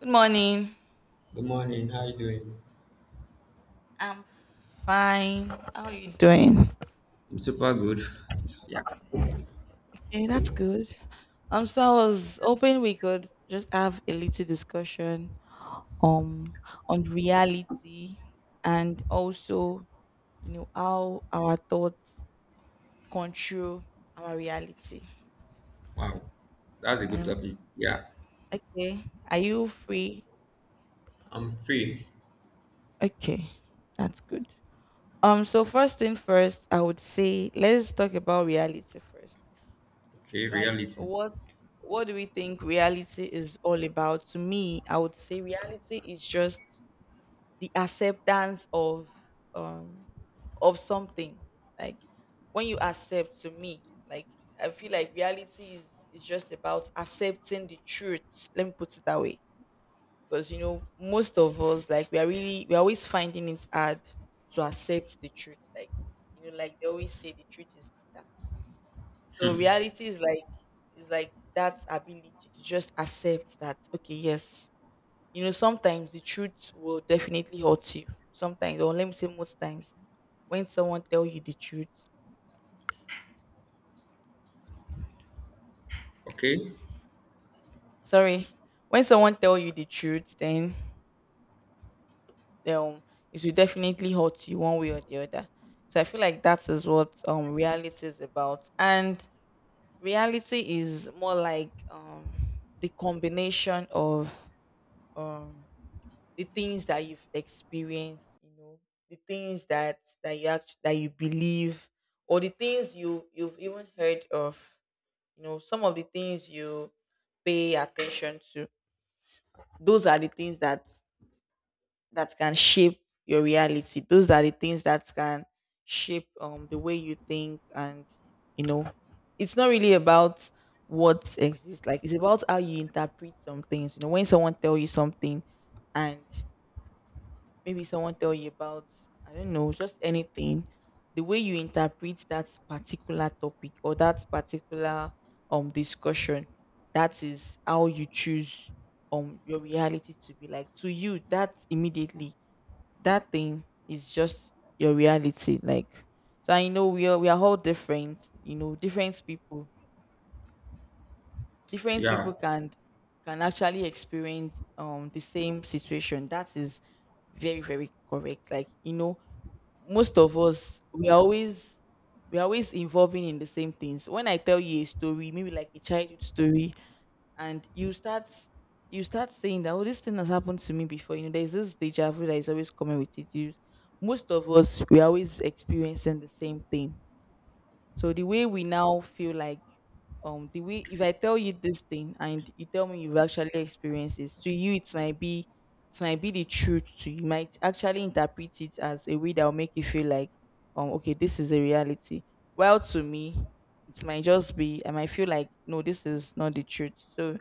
Good morning. Good morning. How you doing? I'm fine. How are you doing? I'm super good. Yeah. Okay, that's good. So I was hoping we could just have a little discussion um on reality and also, how our thoughts control our reality. Wow, that's a good Um, topic. Yeah. okay. Are you free? I'm free. Okay, that's good. So first thing first, I would say let's talk about reality first. Okay. Like Reality. what do we think reality is all about? To me, I would say reality is just the acceptance um of something. Like when you accept to me, like I feel like reality is just about accepting the truth. Let me put it that way. Because you know, most of us like we are really we're always finding it hard to accept the truth. Like you know, like they always say the truth is bitter, so Hmm. reality is like that ability to just accept that okay, yes, you know, sometimes the truth will definitely hurt you. Sometimes, or let me say most times, when someone tell you the truth, Okay. sorry, when someone tell you the truth, then um it will definitely hurt you one way or the other. So I feel like that is what reality is about. And reality is more like the combination of um the things that you've experienced, you know, the things that you believe, or the things you've even heard of, you know, some of the things you pay attention to. Those are the things that can shape your reality. Those are the things that can shape the way you think, and you know it's not really about what exists, like it's about how you interpret some things. You know, when someone tell you something and maybe someone tell you about, I don't know, just anything, the way you interpret that particular topic or that particular discussion, that is how you choose your reality to be. Like to you that immediately, that thing is just your reality. Like so I know we are all different. You know, different people, different Yeah. people can actually experience the same situation. That is very very correct. Like you know, most of us we are always involving in the same things. When I tell you a story, maybe like a childhood story, and you start saying that, oh, this thing has happened to me before, you know, there's this deja vu that is always coming with it. You, most of us we are always experiencing the same thing. So the way we now feel like the way if I tell you this thing and you tell me you've actually experienced this, to you it might be the truth to you. You might actually interpret it as a way that will make you feel like okay, this is a reality. Well to me, it might just be, I might feel like no, this is not the truth. So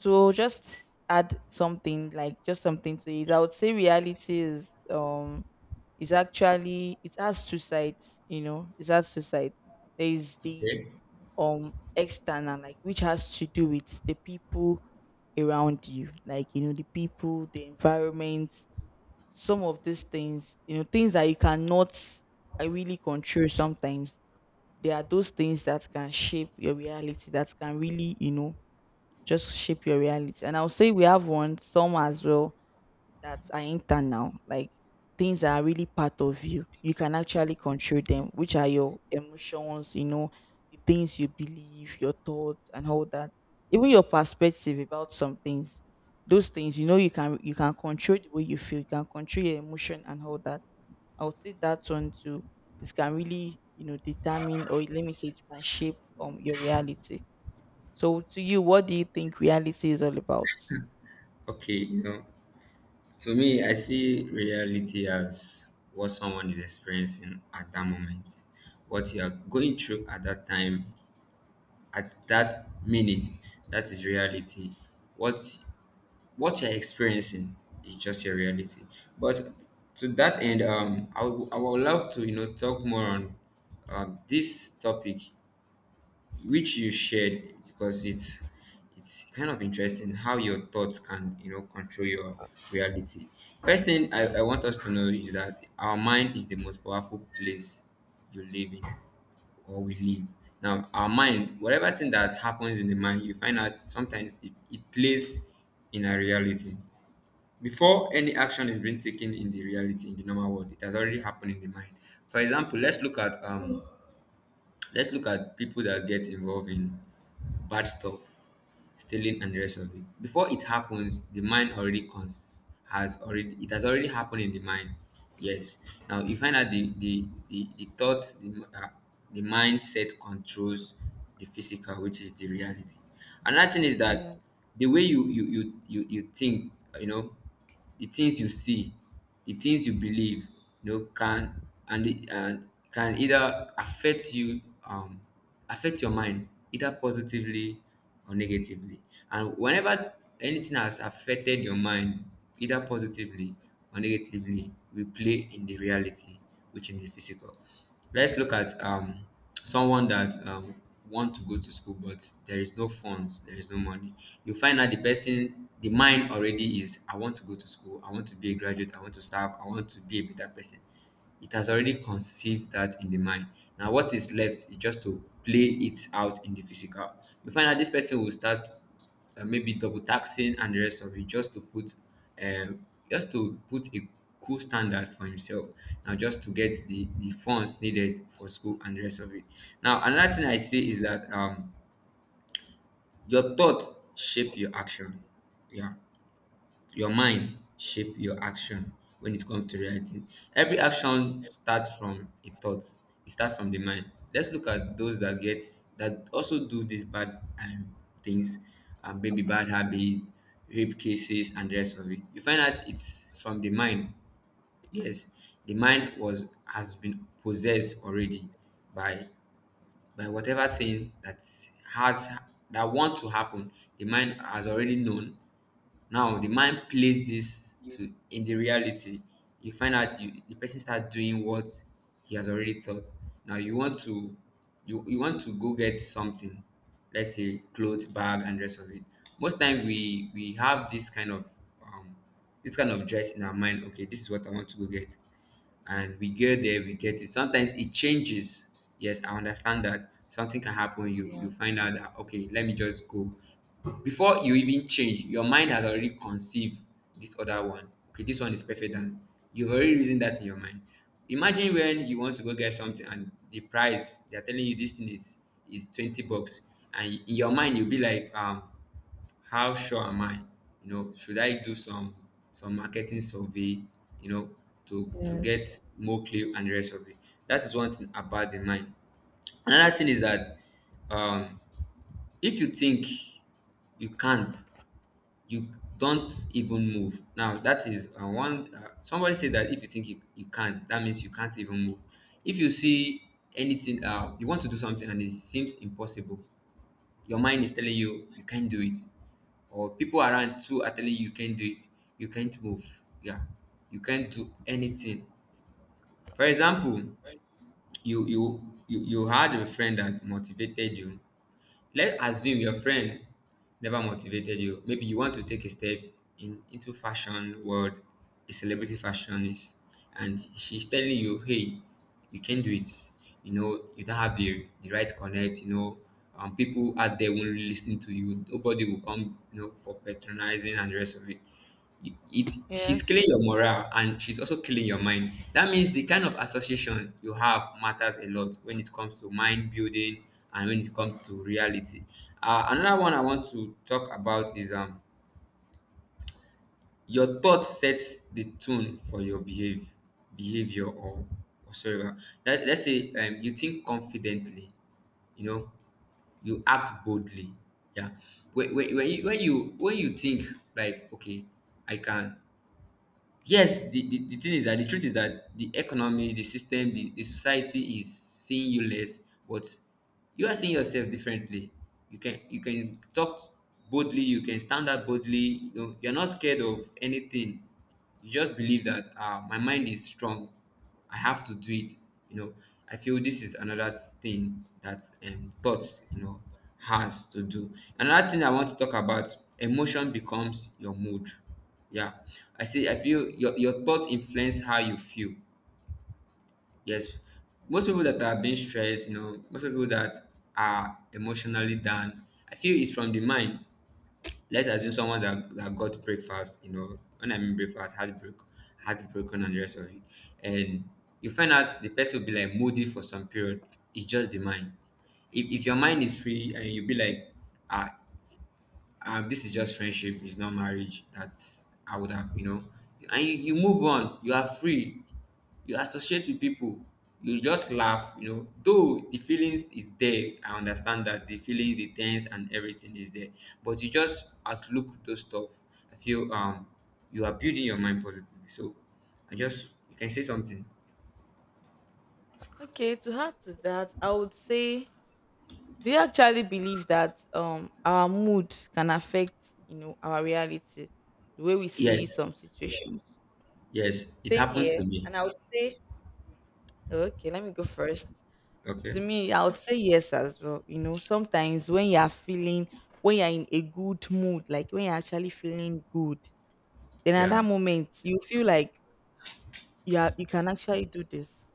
to just add something, like just something to it, I would say reality is it's actually, it has two sides. You know, it has two sides. There is the Okay. External, like, which has to do with the people around you, like, you know, the people, the environment, some of these things, you know, things that you cannot really control sometimes. There are those things that can shape your reality, that can really, you know, just shape your reality. And I'll say we have one some as well that are internal, like things that are really part of you. You can actually control them, which are your emotions, you know, the things you believe, your thoughts and all that. Even your perspective about some things. Those things, you know, you can control the way you feel, you can control your emotion and all that. I would say that one too. It can really, you know, determine, or let me say, it can shape your reality. So to you, what do you think reality is all about? Okay. You know, to me, I see reality as what someone is experiencing at that moment, what you are going through at that time, at that minute. That is reality. What you're experiencing is just your reality. But to that end, I would love to, you know, talk more on this topic which you shared, because it's kind of interesting how your thoughts can, you know, control your reality. First thing I want us to know is that our mind is the most powerful place you live in, or we live. Now, our mind, whatever thing that happens in the mind, you find out sometimes it plays in our reality. Before any action is being taken in the reality, in the normal world, it has already happened in the mind. For example, let's look at people that get involved in bad stuff, stealing and the rest of it. Before it happens, the mind already cons- has already it has already happened in the mind. Yes. Now you find out the thoughts, uh, the mindset controls the physical, which is the reality. Another thing is Yeah. that the way you think, you know, the things you see, the things you believe, you know, can and can either affect you, affect your mind either positively or negatively. And whenever anything has affected your mind either positively or negatively, we play in the reality, which in the physical. Let's look at someone that want to go to school, but there is no funds, there is no money. You find out the person, the mind already is, I want to go to school, I want to be a graduate, I want to serve, I want to be a better person. It has already conceived that in the mind. Now what is left is just to play it out in the physical. You find out this person will start, maybe double taxing and the rest of it, um, just to put a cool standard for himself, now just to get the funds needed for school and the rest of it. Now another thing I see is that, your thoughts shape your action. Yeah, your mind shape your action when it comes to reality. Every action starts from a thought, it starts from the mind. Let's look at those that get, that also do these bad, things, maybe bad habit, rape cases and the rest of it. You find out it's from the mind. Yes, the mind was has been possessed already by by whatever thing that has, that want to happen. The mind has already known. Now the mind plays this to in the reality. You find out you the person starts doing what he has already thought. Now you want to, you want to go get something, let's say clothes, bag and rest of it. Most time we have um, um this kind of dress in our mind. Okay, this is what I want to go get, and we get there, we get it, sometimes it changes. Yes, I understand that something can happen. Yeah. You find out that okay, let me just go. Before you even change, your mind has already conceived this other one, okay, this one is perfect, and you've already reasoned that in your mind. Imagine when you want to go get something and the price they're telling you this thing is 20 bucks, and in your mind you'll be like, how sure am I? You know, should I do some marketing survey, you know, to Yes. get more clear and the rest of it. That is one thing about the mind. Another thing is that, um, if you think you can't, you don't even move. Now that is one. Somebody said that if you think you can't, that means you can't even move. If you see anything, you want to do something and it seems impossible, your mind is telling you you can't do it, or people around too are telling you you can't do it. You can't move, yeah, you can't do anything. For example, you had a friend that motivated you. Let's assume your friend never motivated you. Maybe you want to take a step in, into fashion world, a celebrity fashionist, and she's telling you, hey, you can do it. You know, you don't have the, right connect, you know. People out there won't listen to you. Nobody will come, you know, for patronizing and the rest of it. She's killing Yes. your morale, and she's also killing your mind. That means the kind of association you have matters a lot when it comes to mind building and when it comes to reality. Another one I want to talk about is, your thought sets the tone for your behavior or whatsoever. Let's say, you think confidently, you know, you act boldly. Yeah, when you think like, okay, I can. Yes, the thing is that the truth is that the economy, the system, the society is seeing you less, but you are seeing yourself differently. You can, you can talk boldly, you can stand up boldly. You know, you're not scared of anything. You just believe that, my mind is strong, I have to do it. You know, I feel this is another thing that, thoughts, you know, has to do. Another thing I want to talk about: emotion becomes your mood. Yeah, I see. I feel your thought influence how you feel. Yes, most people that are being stressed, you know, most people that are emotionally down, I feel it's from the mind. Let's assume someone that got breakfast, you know, when I mean breakfast, heartbreak, heartbroken and the rest of it, and you find out the person will be like moody for some period. It's just the mind. If your mind is free and you be like, ah, this is just friendship, it's not marriage. That's I would have, you know. And you move on, you are free, you associate with people, you just laugh, you know. Though the feelings is there, I understand that the feelings, the tense, and everything is there, but you just outlook those stuff. I feel you are building your mind positively. So I just, you can say something. Okay, to add to that, I would say, do you actually believe that our mood can affect, you know, our reality, the way we see Yes, some situations? yes, it Same happens here. to me. And I would say, okay, let me go first. To Okay, me, I would say yes as well. You know, sometimes when you are feeling, when you're in a good mood, like when you're actually feeling good, then at that yeah, moment you feel like you are, you can actually do this.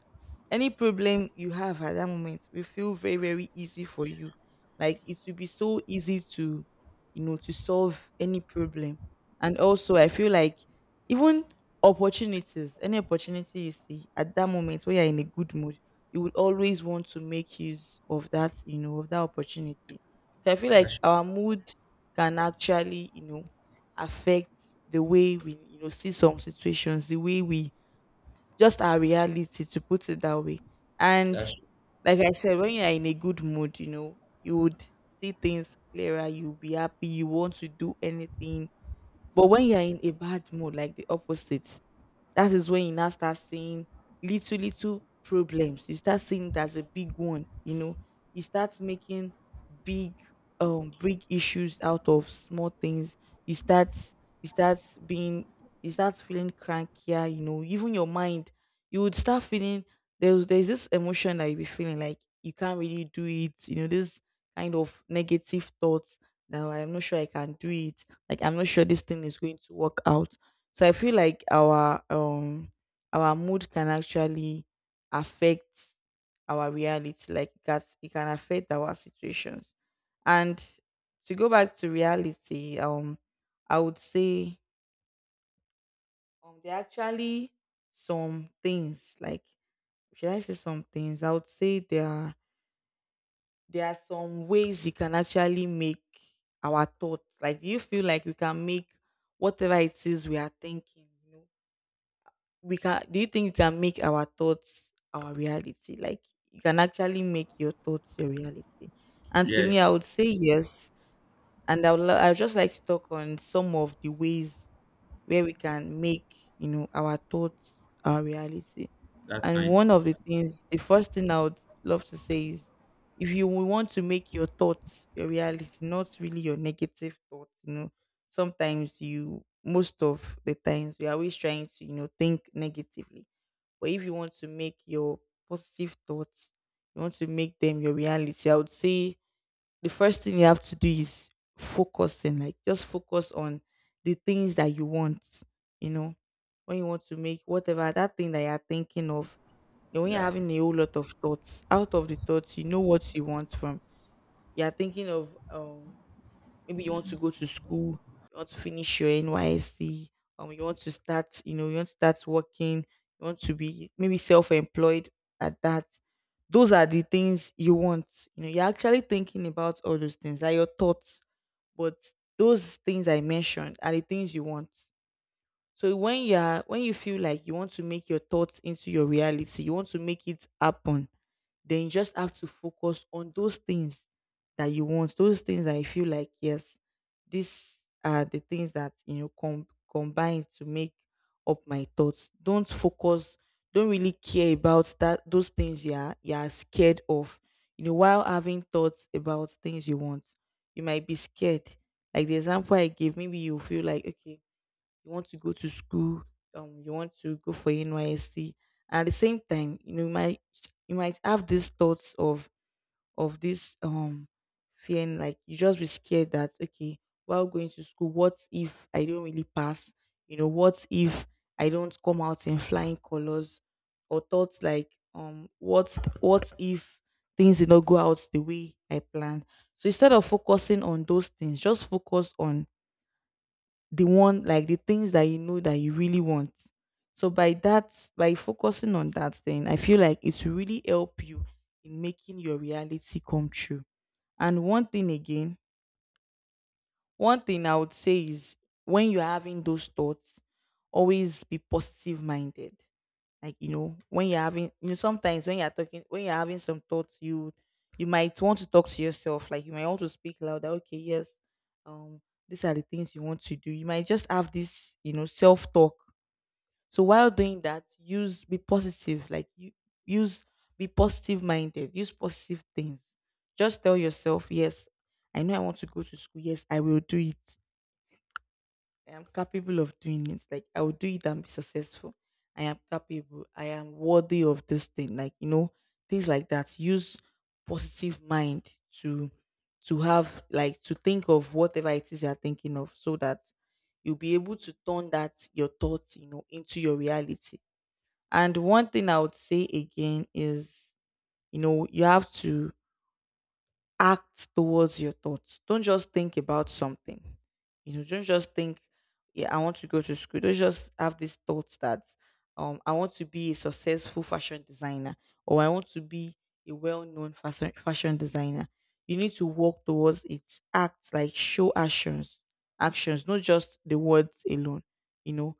Any problem you have at that moment will feel very very easy for you, like it will be so easy to, you know, to solve any problem. And also I feel like even opportunities, any opportunity you see at that moment, when you're in a good mood, you would always want to make use of that, you know, of that opportunity. So I feel like that's, our mood can actually, you know, affect the way we, you know, see some situations, the way we, just our reality, to put it that way. And that's, like I said, when you are in a good mood, you know, you would see things clearer, you'll be happy, you want to do anything. But when you're in a bad mood, like the opposite, that is when you now start seeing little, little problems. You start seeing it as a big one, you know. You start making big big issues out of small things. You start you start being, you start feeling crankier, you know, even your mind, you would start feeling there's this emotion that you be feeling like you can't really do it, you know, this kind of negative thoughts that "Oh, I'm not sure I can do it, like I'm not sure this thing is going to work out." So I feel like our mood can actually affect our reality. Like that it can affect our situations. And to go back to reality, I would say there are actually some things, like, should I say some things? I would say there are, there are some ways you can actually make our thoughts. Like, do you feel like we can make whatever it is we are thinking, you know? We can, do you think you can make our thoughts our reality, like you can actually make your thoughts your reality? And to me I yes, would say yes. And I would just like to talk on some of the ways where we can make, you know, our thoughts our reality. that's And fine. one of the things, the first thing I would love to say is, if you want to make your thoughts your reality, not really your negative thoughts, you know, sometimes you, most of the times we are always trying to, you know, think negatively. But if you want to make your positive thoughts, you want to make them your reality, I would say the first thing you have to do is focusing, like just focus on the things that you want, you know, when you want to make whatever that thing that you're thinking of. You know, when you're Yeah. having a whole lot of thoughts, out of the thoughts, you know what you want from. You're thinking of maybe you want to go to school, you want to finish your NYSC, you want to start, you know, you want to start working, you want to be maybe self-employed at that. Those are the things you want. You know, you're actually thinking about all those things. Are your thoughts, but those things I mentioned are the things you want. So when you're, when you feel like you want to make your thoughts into your reality, you want to make it happen, then you just have to focus on those things that you want, those things that you feel like, yes, these are the things that, you know, combine to make up my thoughts. Don't focus, don't really care about that, those things you are, you are scared of, you know, while having thoughts about things you want. You might be scared, like the example I gave, maybe you feel like okay, you want to go to school, you want to go for NYSC. And at the same time, you know, you might, you might have these thoughts of this feeling like you just be scared that okay, while going to school, what if I don't really pass? You know, what if I don't come out in flying colors? Or thoughts like what if things did not go out the way I planned? So instead of focusing on those things, just focus on the one, like the things that you know that you really want. So by that, by focusing on that thing, I feel like it's really help you in making your reality come true. And one thing again, one thing I would say is when you're having those thoughts, always be positive minded. Like, you know, when you're having sometimes when you're talking when you're having some thoughts, you might want to talk to yourself. Like you might want to speak louder, okay, yes, um, these are the things you want to do. You might just have this, you know, self talk. So while doing that, use be positive. Like you use be positive minded. Use positive things. Just tell yourself, yes, I know I want to go to school. Yes, I will do it. I am capable of doing it. Like I will do it and be successful. I am capable. I am worthy of this thing. Like you know, things like that. Use positive mind to to have like to think of whatever it is you're thinking of, so that you'll be able to turn that your thoughts, you know, into your reality. And one thing I would say again is, you know, you have to act towards your thoughts. Don't just think about something. You know, don't just think, yeah, I want to go to school. Don't just have these thoughts that I want to be a successful fashion designer or I want to be a well-known fashion designer. You need to work towards it. Act like show actions, actions, not just the words alone. You know,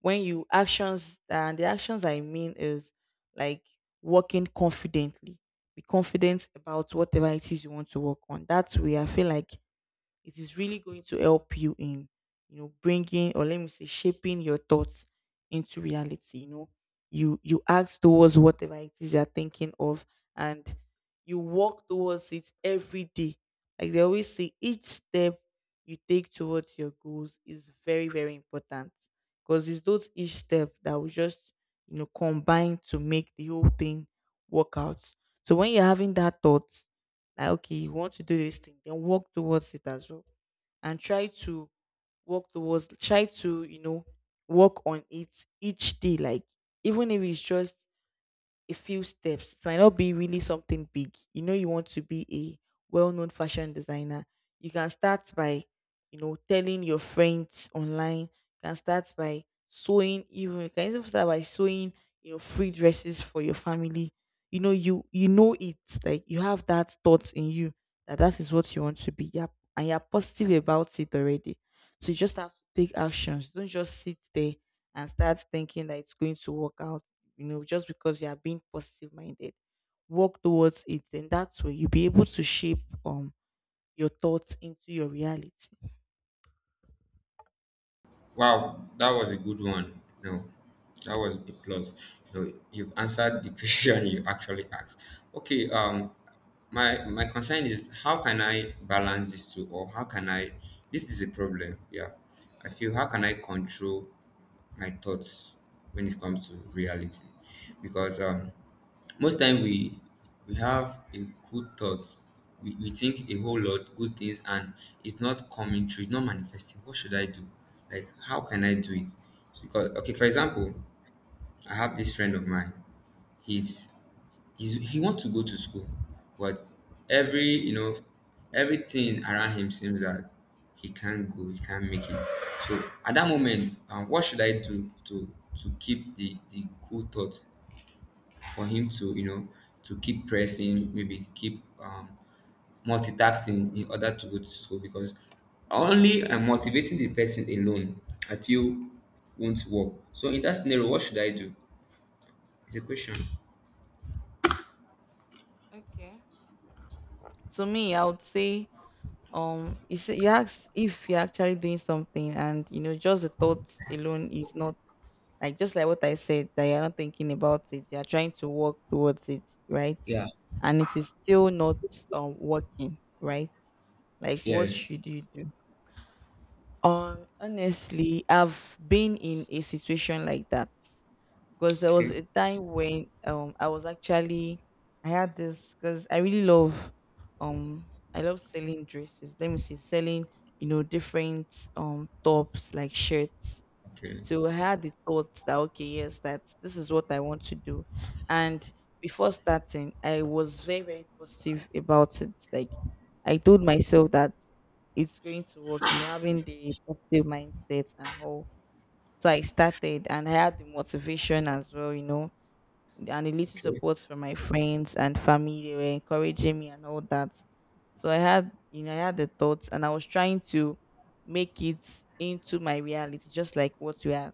when you actions and the actions I mean is like working confidently. Be confident about whatever it is you want to work on. That way I feel like it is really going to help you in, you know, bringing, or let me say, shaping your thoughts into reality, you know. You act towards whatever it is you're thinking of, and you walk towards it every day. Like they always say, each step you take towards your goals is very, very important because it's those each step that will just, you know, combine to make the whole thing work out. So when you're having that thought, like, okay, you want to do this thing, then walk towards it as well, and try to work towards, try to, you know, work on it each day, like, even if it's just a few steps. It might not be really something big. You know, you want to be a well known fashion designer. You can start by, you know, telling your friends online. You can start by sewing, even you can even start by sewing, you know, free dresses for your family. You know, you know it. Like you have that thought in you that is what you want to be. Yep. And you're positive about it already. So you just have to take actions. Don't just sit there and start thinking that it's going to work out, you know, just because you are being positive minded. Work towards it, and that's where you'll be able to shape your thoughts into your reality. Wow, that was a good one. No, that was a plus. No, you've answered the question you actually asked. Okay, my my concern is how can I balance these two, or how can I? This is a problem. Yeah, I feel how can I control my thoughts when it comes to reality, because, most time we have a good thought, we think a whole lot good things, and it's not coming true, it's not manifesting. What should I do? Like, how can I do it? So, because okay, for example, I have this friend of mine. he's he's, he wants to go to school, but every, you know, everything around him seems that he can't go, he can't make it. So at that moment, what should I do to keep the cool thoughts for him to, you know, to keep pressing, maybe keep, multitasking in order to go to school? Because only, motivating the person alone, I feel, won't work. So in that scenario, what should I do? It's a question. Okay. To me, I would say you say you ask if you're actually doing something and you know just the thoughts alone is not like just like what I said that you're not thinking about it, you're trying to work towards it, right? Yeah. And it is still not working, right? Like what Yes. should you do? Honestly, I've been in a situation like that because there was a Okay. time when I was actually I had this because I really love um I love selling dresses. Let me see, selling you know different tops like shirts. Okay. So I had the thoughts that, okay, yes, that's this is what I want to do. And before starting, I was very, very positive about it. Like I told myself that it's going to work, you know, having the positive mindset and all. So I started and I had the motivation as well, you know, and a little Okay. support from my friends and family. They were encouraging me and all that. So I had, you know, I had the thoughts and I was trying to make it into my reality, just like what we are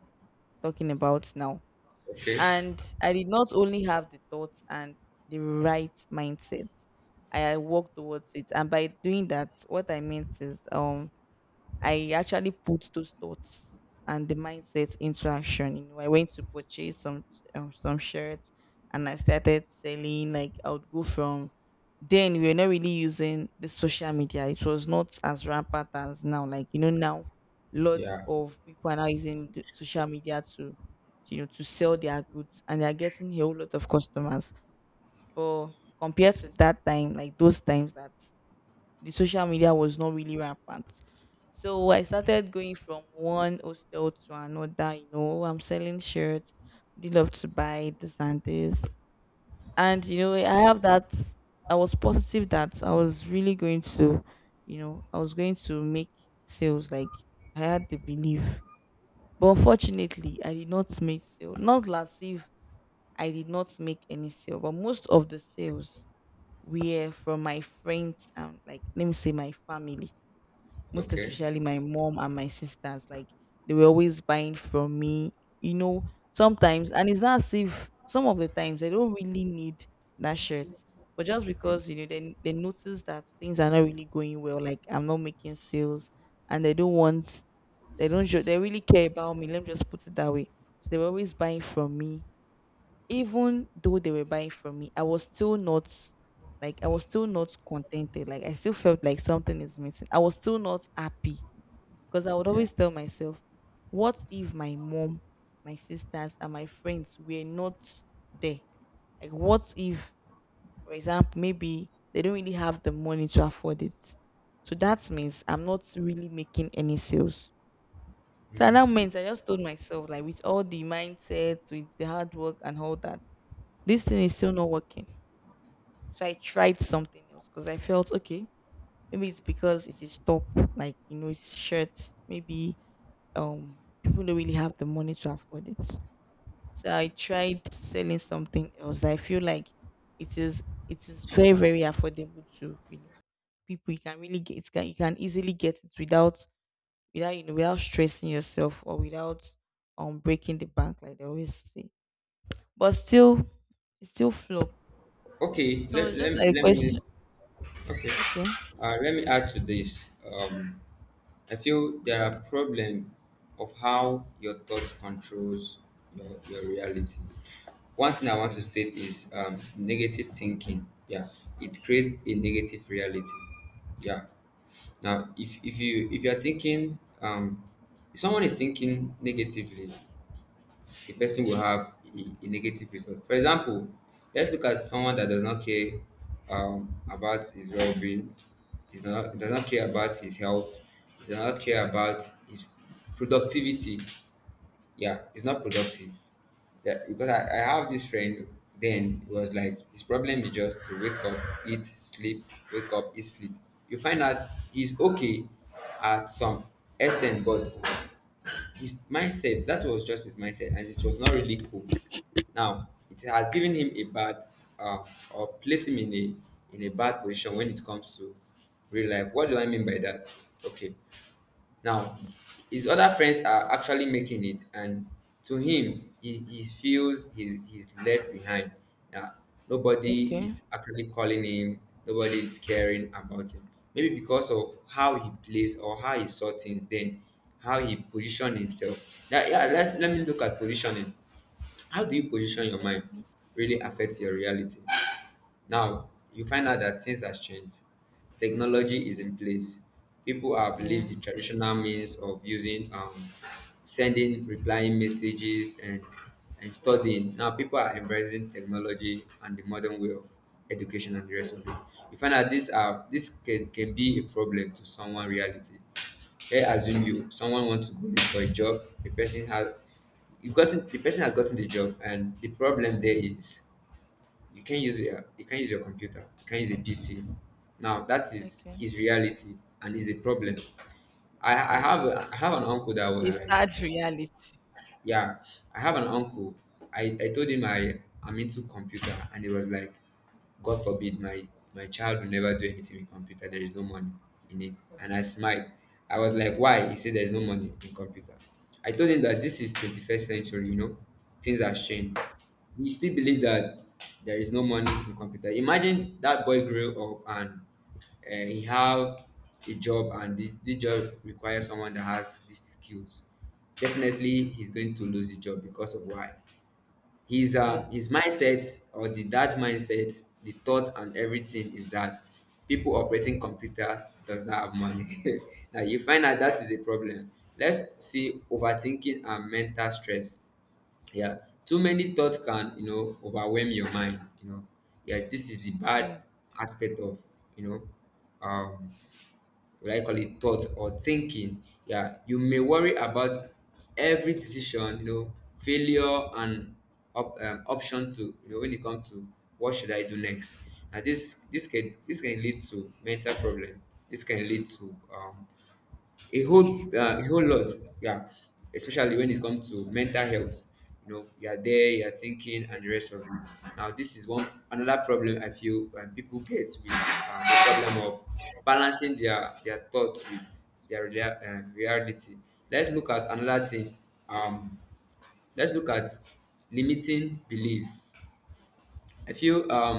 talking about now. Okay. And I did not only have the thoughts and the right mindset. I worked towards it. And by doing that, what I meant is I actually put those thoughts and the mindset into action. You know, I went to purchase some shirts, and I started selling. Like I would go from then we were not really using the social media. It was not as rampant as now. Like you know now, lots Yeah. of people are now using the social media to you know to sell their goods, and they are getting a whole lot of customers. But compared to that time, like those times that the social media was not really rampant. So I started going from one hostel to another, you know, I'm selling shirts, they love to buy this and this. And you know, I have that I was positive that I was really going to, you know, I was going to make sales. Like I had the belief. But unfortunately I did not make sales. Not last if I did not make any sale, but most of the sales were from my friends and like let me say my family, most Okay. especially my mom and my sisters. Like they were always buying from me, you know, sometimes, and it's not as if some of the times they don't really need that shirt. But just Okay, because, you know, they notice that things are not really going well, like I'm not making sales and they don't want they don't show they really care about me. Let me just put it that way. So they were always buying from me. Even though they were buying from me, I was still not like I was still not contented. Like I still felt like something is missing. I was still not happy because I would yeah. always tell myself, what if my mom, my sisters, and my friends were not there? Like, what if, for example, maybe they don't really have the money to afford it? So that means I'm not really making any sales. So at that means I just told myself, like, with all the mindset, with the hard work and all that, this thing is still not working. So I tried something else because I felt okay. Maybe it's because it is top, like you know, it's shirts. Maybe people don't really have the money to afford it. So I tried selling something else. I feel like it is very, very affordable to, you know, people. You can really get it, can you can easily get it without without you know without stressing yourself or without breaking the bank like they always say. But still, it still flop. Okay, So let, it's let, just like a let me. question. Okay, Okay, let me add to this. um I feel there are problem of how your thoughts controls your reality. One thing I want to state is, negative thinking. Yeah, it creates a negative reality. Yeah. Now, if you are thinking, if someone is thinking negatively, the person will have a negative result. For example, let's look at someone that does not care, about his well being, does not care about his health, does not care about his productivity. Yeah, he's not productive. Yeah, because I have this friend, then it was like his problem is just to wake up, eat, sleep, wake up, eat, sleep. You find out he's okay at some extent, but his mindset, that was just his mindset and it was not really cool. Now it has given him a bad uh, or placed him in a bad position when it comes to real life. What do I mean by that? Okay, now, his other friends are actually making it, and to him, he feels he's left behind. Now, nobody okay, is actually calling him, nobody is caring about him. Maybe because of how he plays or how he saw things then, how he positioned himself. That, yeah, let me look at positioning. How do you position your mind mm, really affects your reality? Now, you find out that things has changed. Technology is in place. People have left the yes, traditional means of using, sending, replying messages, and yes, studying. Now, people are embracing technology and the modern way of education and the rest of it. You find out this can be a problem to someone reality. Hey, assume you someone wants to go look for a job. The person has you gotten the person has gotten the job, and the problem there is you can't use your computer, you can't use a PC. Now that is okay, his reality and is a problem. I yes, have a, I yes. have an uncle that was It's like, sad reality. yeah, I have an uncle. I told him I'm into computer and he was like, God forbid, my child will never do anything with computer. There is no money in it. And I smiled. I was like, why? He said there's no money in computer. I told him that this is 21st century, you know, things have changed. He still believe that there is no money in computer. Imagine that boy grew up and he have a job and the job requires someone that has these skills. Definitely he's going to lose the job because of why? His his Yes. mindset, or the that mindset, the thought, and everything is that people operating computer does not have money now you find out that is a problem. Let's see, overthinking and mental stress. Yeah, too many thoughts can, you know, overwhelm your mind, you know. Yeah, this is the Yeah. bad aspect of, you know, will I call it thought or thinking. Yeah, you may worry about every decision, you know, failure and option to, you know, when it comes to what should I do next. Now this can, this can lead to mental problem. This can lead to, That's true. A whole lot. Yeah, especially when it comes to mental health. You know, you're there, you're thinking and the rest of it. Now this is one another problem I feel people get with, the problem of balancing their thoughts with their reality. Let's look at another thing. um let's look at limiting belief. I feel,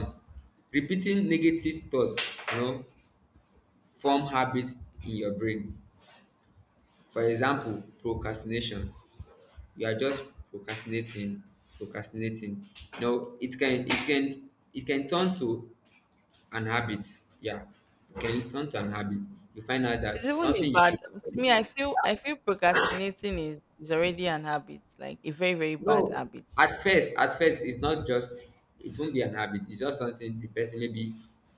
repeating negative thoughts, you know, form habits in your brain. For example, procrastination. You are just procrastinating, procrastinating. No, it can, it can turn to an habit. Yeah, it can turn to an habit. You find out that It's even a something you bad should. to me. I feel procrastinating is already an habit, like a very, very bad No, habit. At first it's not just, it won't be an habit. It's just something the person maybe,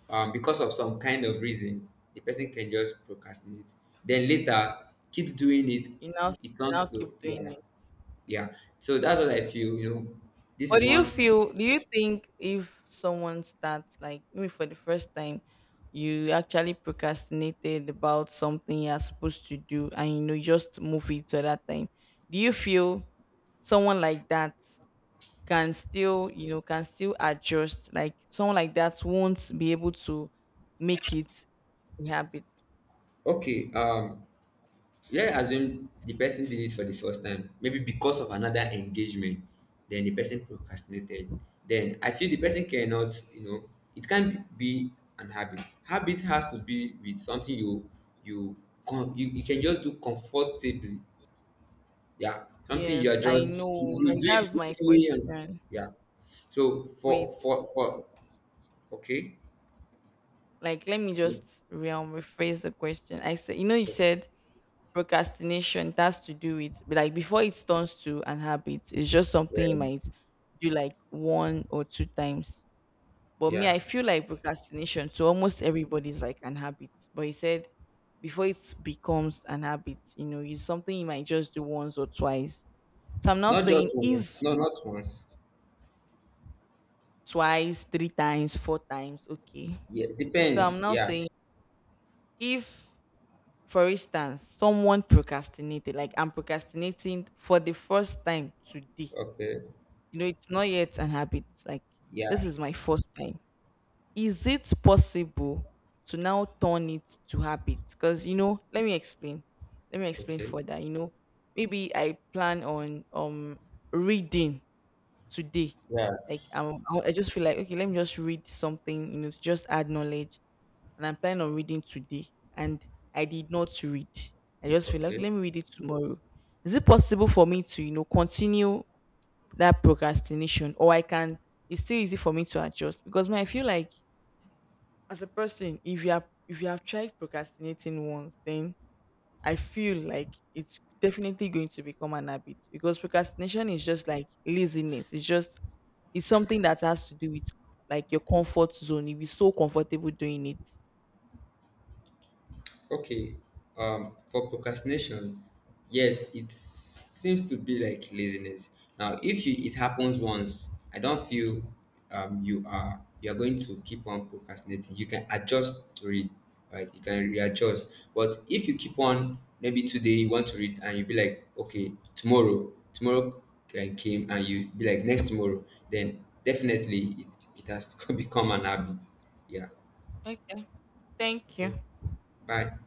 because of some kind of reason, the person can just procrastinate, then later keep doing it. You now, It you turns now to, keep doing yeah. it. Yeah, so that's what I feel, you know. This What is do you one. feel? Do you think if someone starts like maybe for the first time, you actually procrastinated about something you're supposed to do, and you know you just move it to that time? Do you feel someone like that? Can still you know can still adjust like someone like that won't be able to make it a habit? Okay, yeah, us assume the person did it for the first time, maybe because of another engagement, then the person procrastinated. Then I feel the person cannot, you know, it can't be an habit. Habit has to be with something you you you, you can just do comfortably. Yeah, something Yes, you are I just know. You Like do it that's my willingly and question. yeah. So Wait. For, okay, Like let me just rephrase the question. I said you know you um, said procrastination it has to do with but like before it turns to an habit it's just something you might do like one or two times. But me, yeah, I feel like procrastination to almost everybody is like an habit. But he said before it becomes an habit, you know, it's something you might just do once or twice. So I'm not not just saying once, if no, not once. twice, three times, four times, okay. Yeah, So I'm depends. not Yeah, saying if, for instance, someone procrastinated, like I'm procrastinating for the first time today. okay, You know, it's not yet an habit. Like this yeah. is my first time. Is it possible to now turn it to habit? Because you know, let me explain. Let me explain Okay. further. You know, maybe I plan on reading today. Yeah. Like um, I just feel like okay, let me just read something. You know, to just add knowledge. And I'm planning on reading today, and I did not read. I just feel like okay, Okay. let me read it tomorrow. Is it possible for me to you know continue that procrastination, or I can? It's still easy for me to adjust because man, I feel like as a person, if you have tried procrastinating once, then I feel like it's definitely going to become an habit because procrastination is just like laziness. It's just it's something that has to do with like your comfort zone. You'll be so comfortable doing it. Okay. For procrastination, yes, it seems to be like laziness. Now, if you it happens once, I don't feel you are going to keep on procrastinating. You can adjust to it, right? You can Okay. readjust. But if you keep on, maybe today you want to read and you be like, okay, tomorrow, came and you be like next tomorrow, then definitely it, it has become an habit. Yeah. Okay. Thank you. Okay. Bye.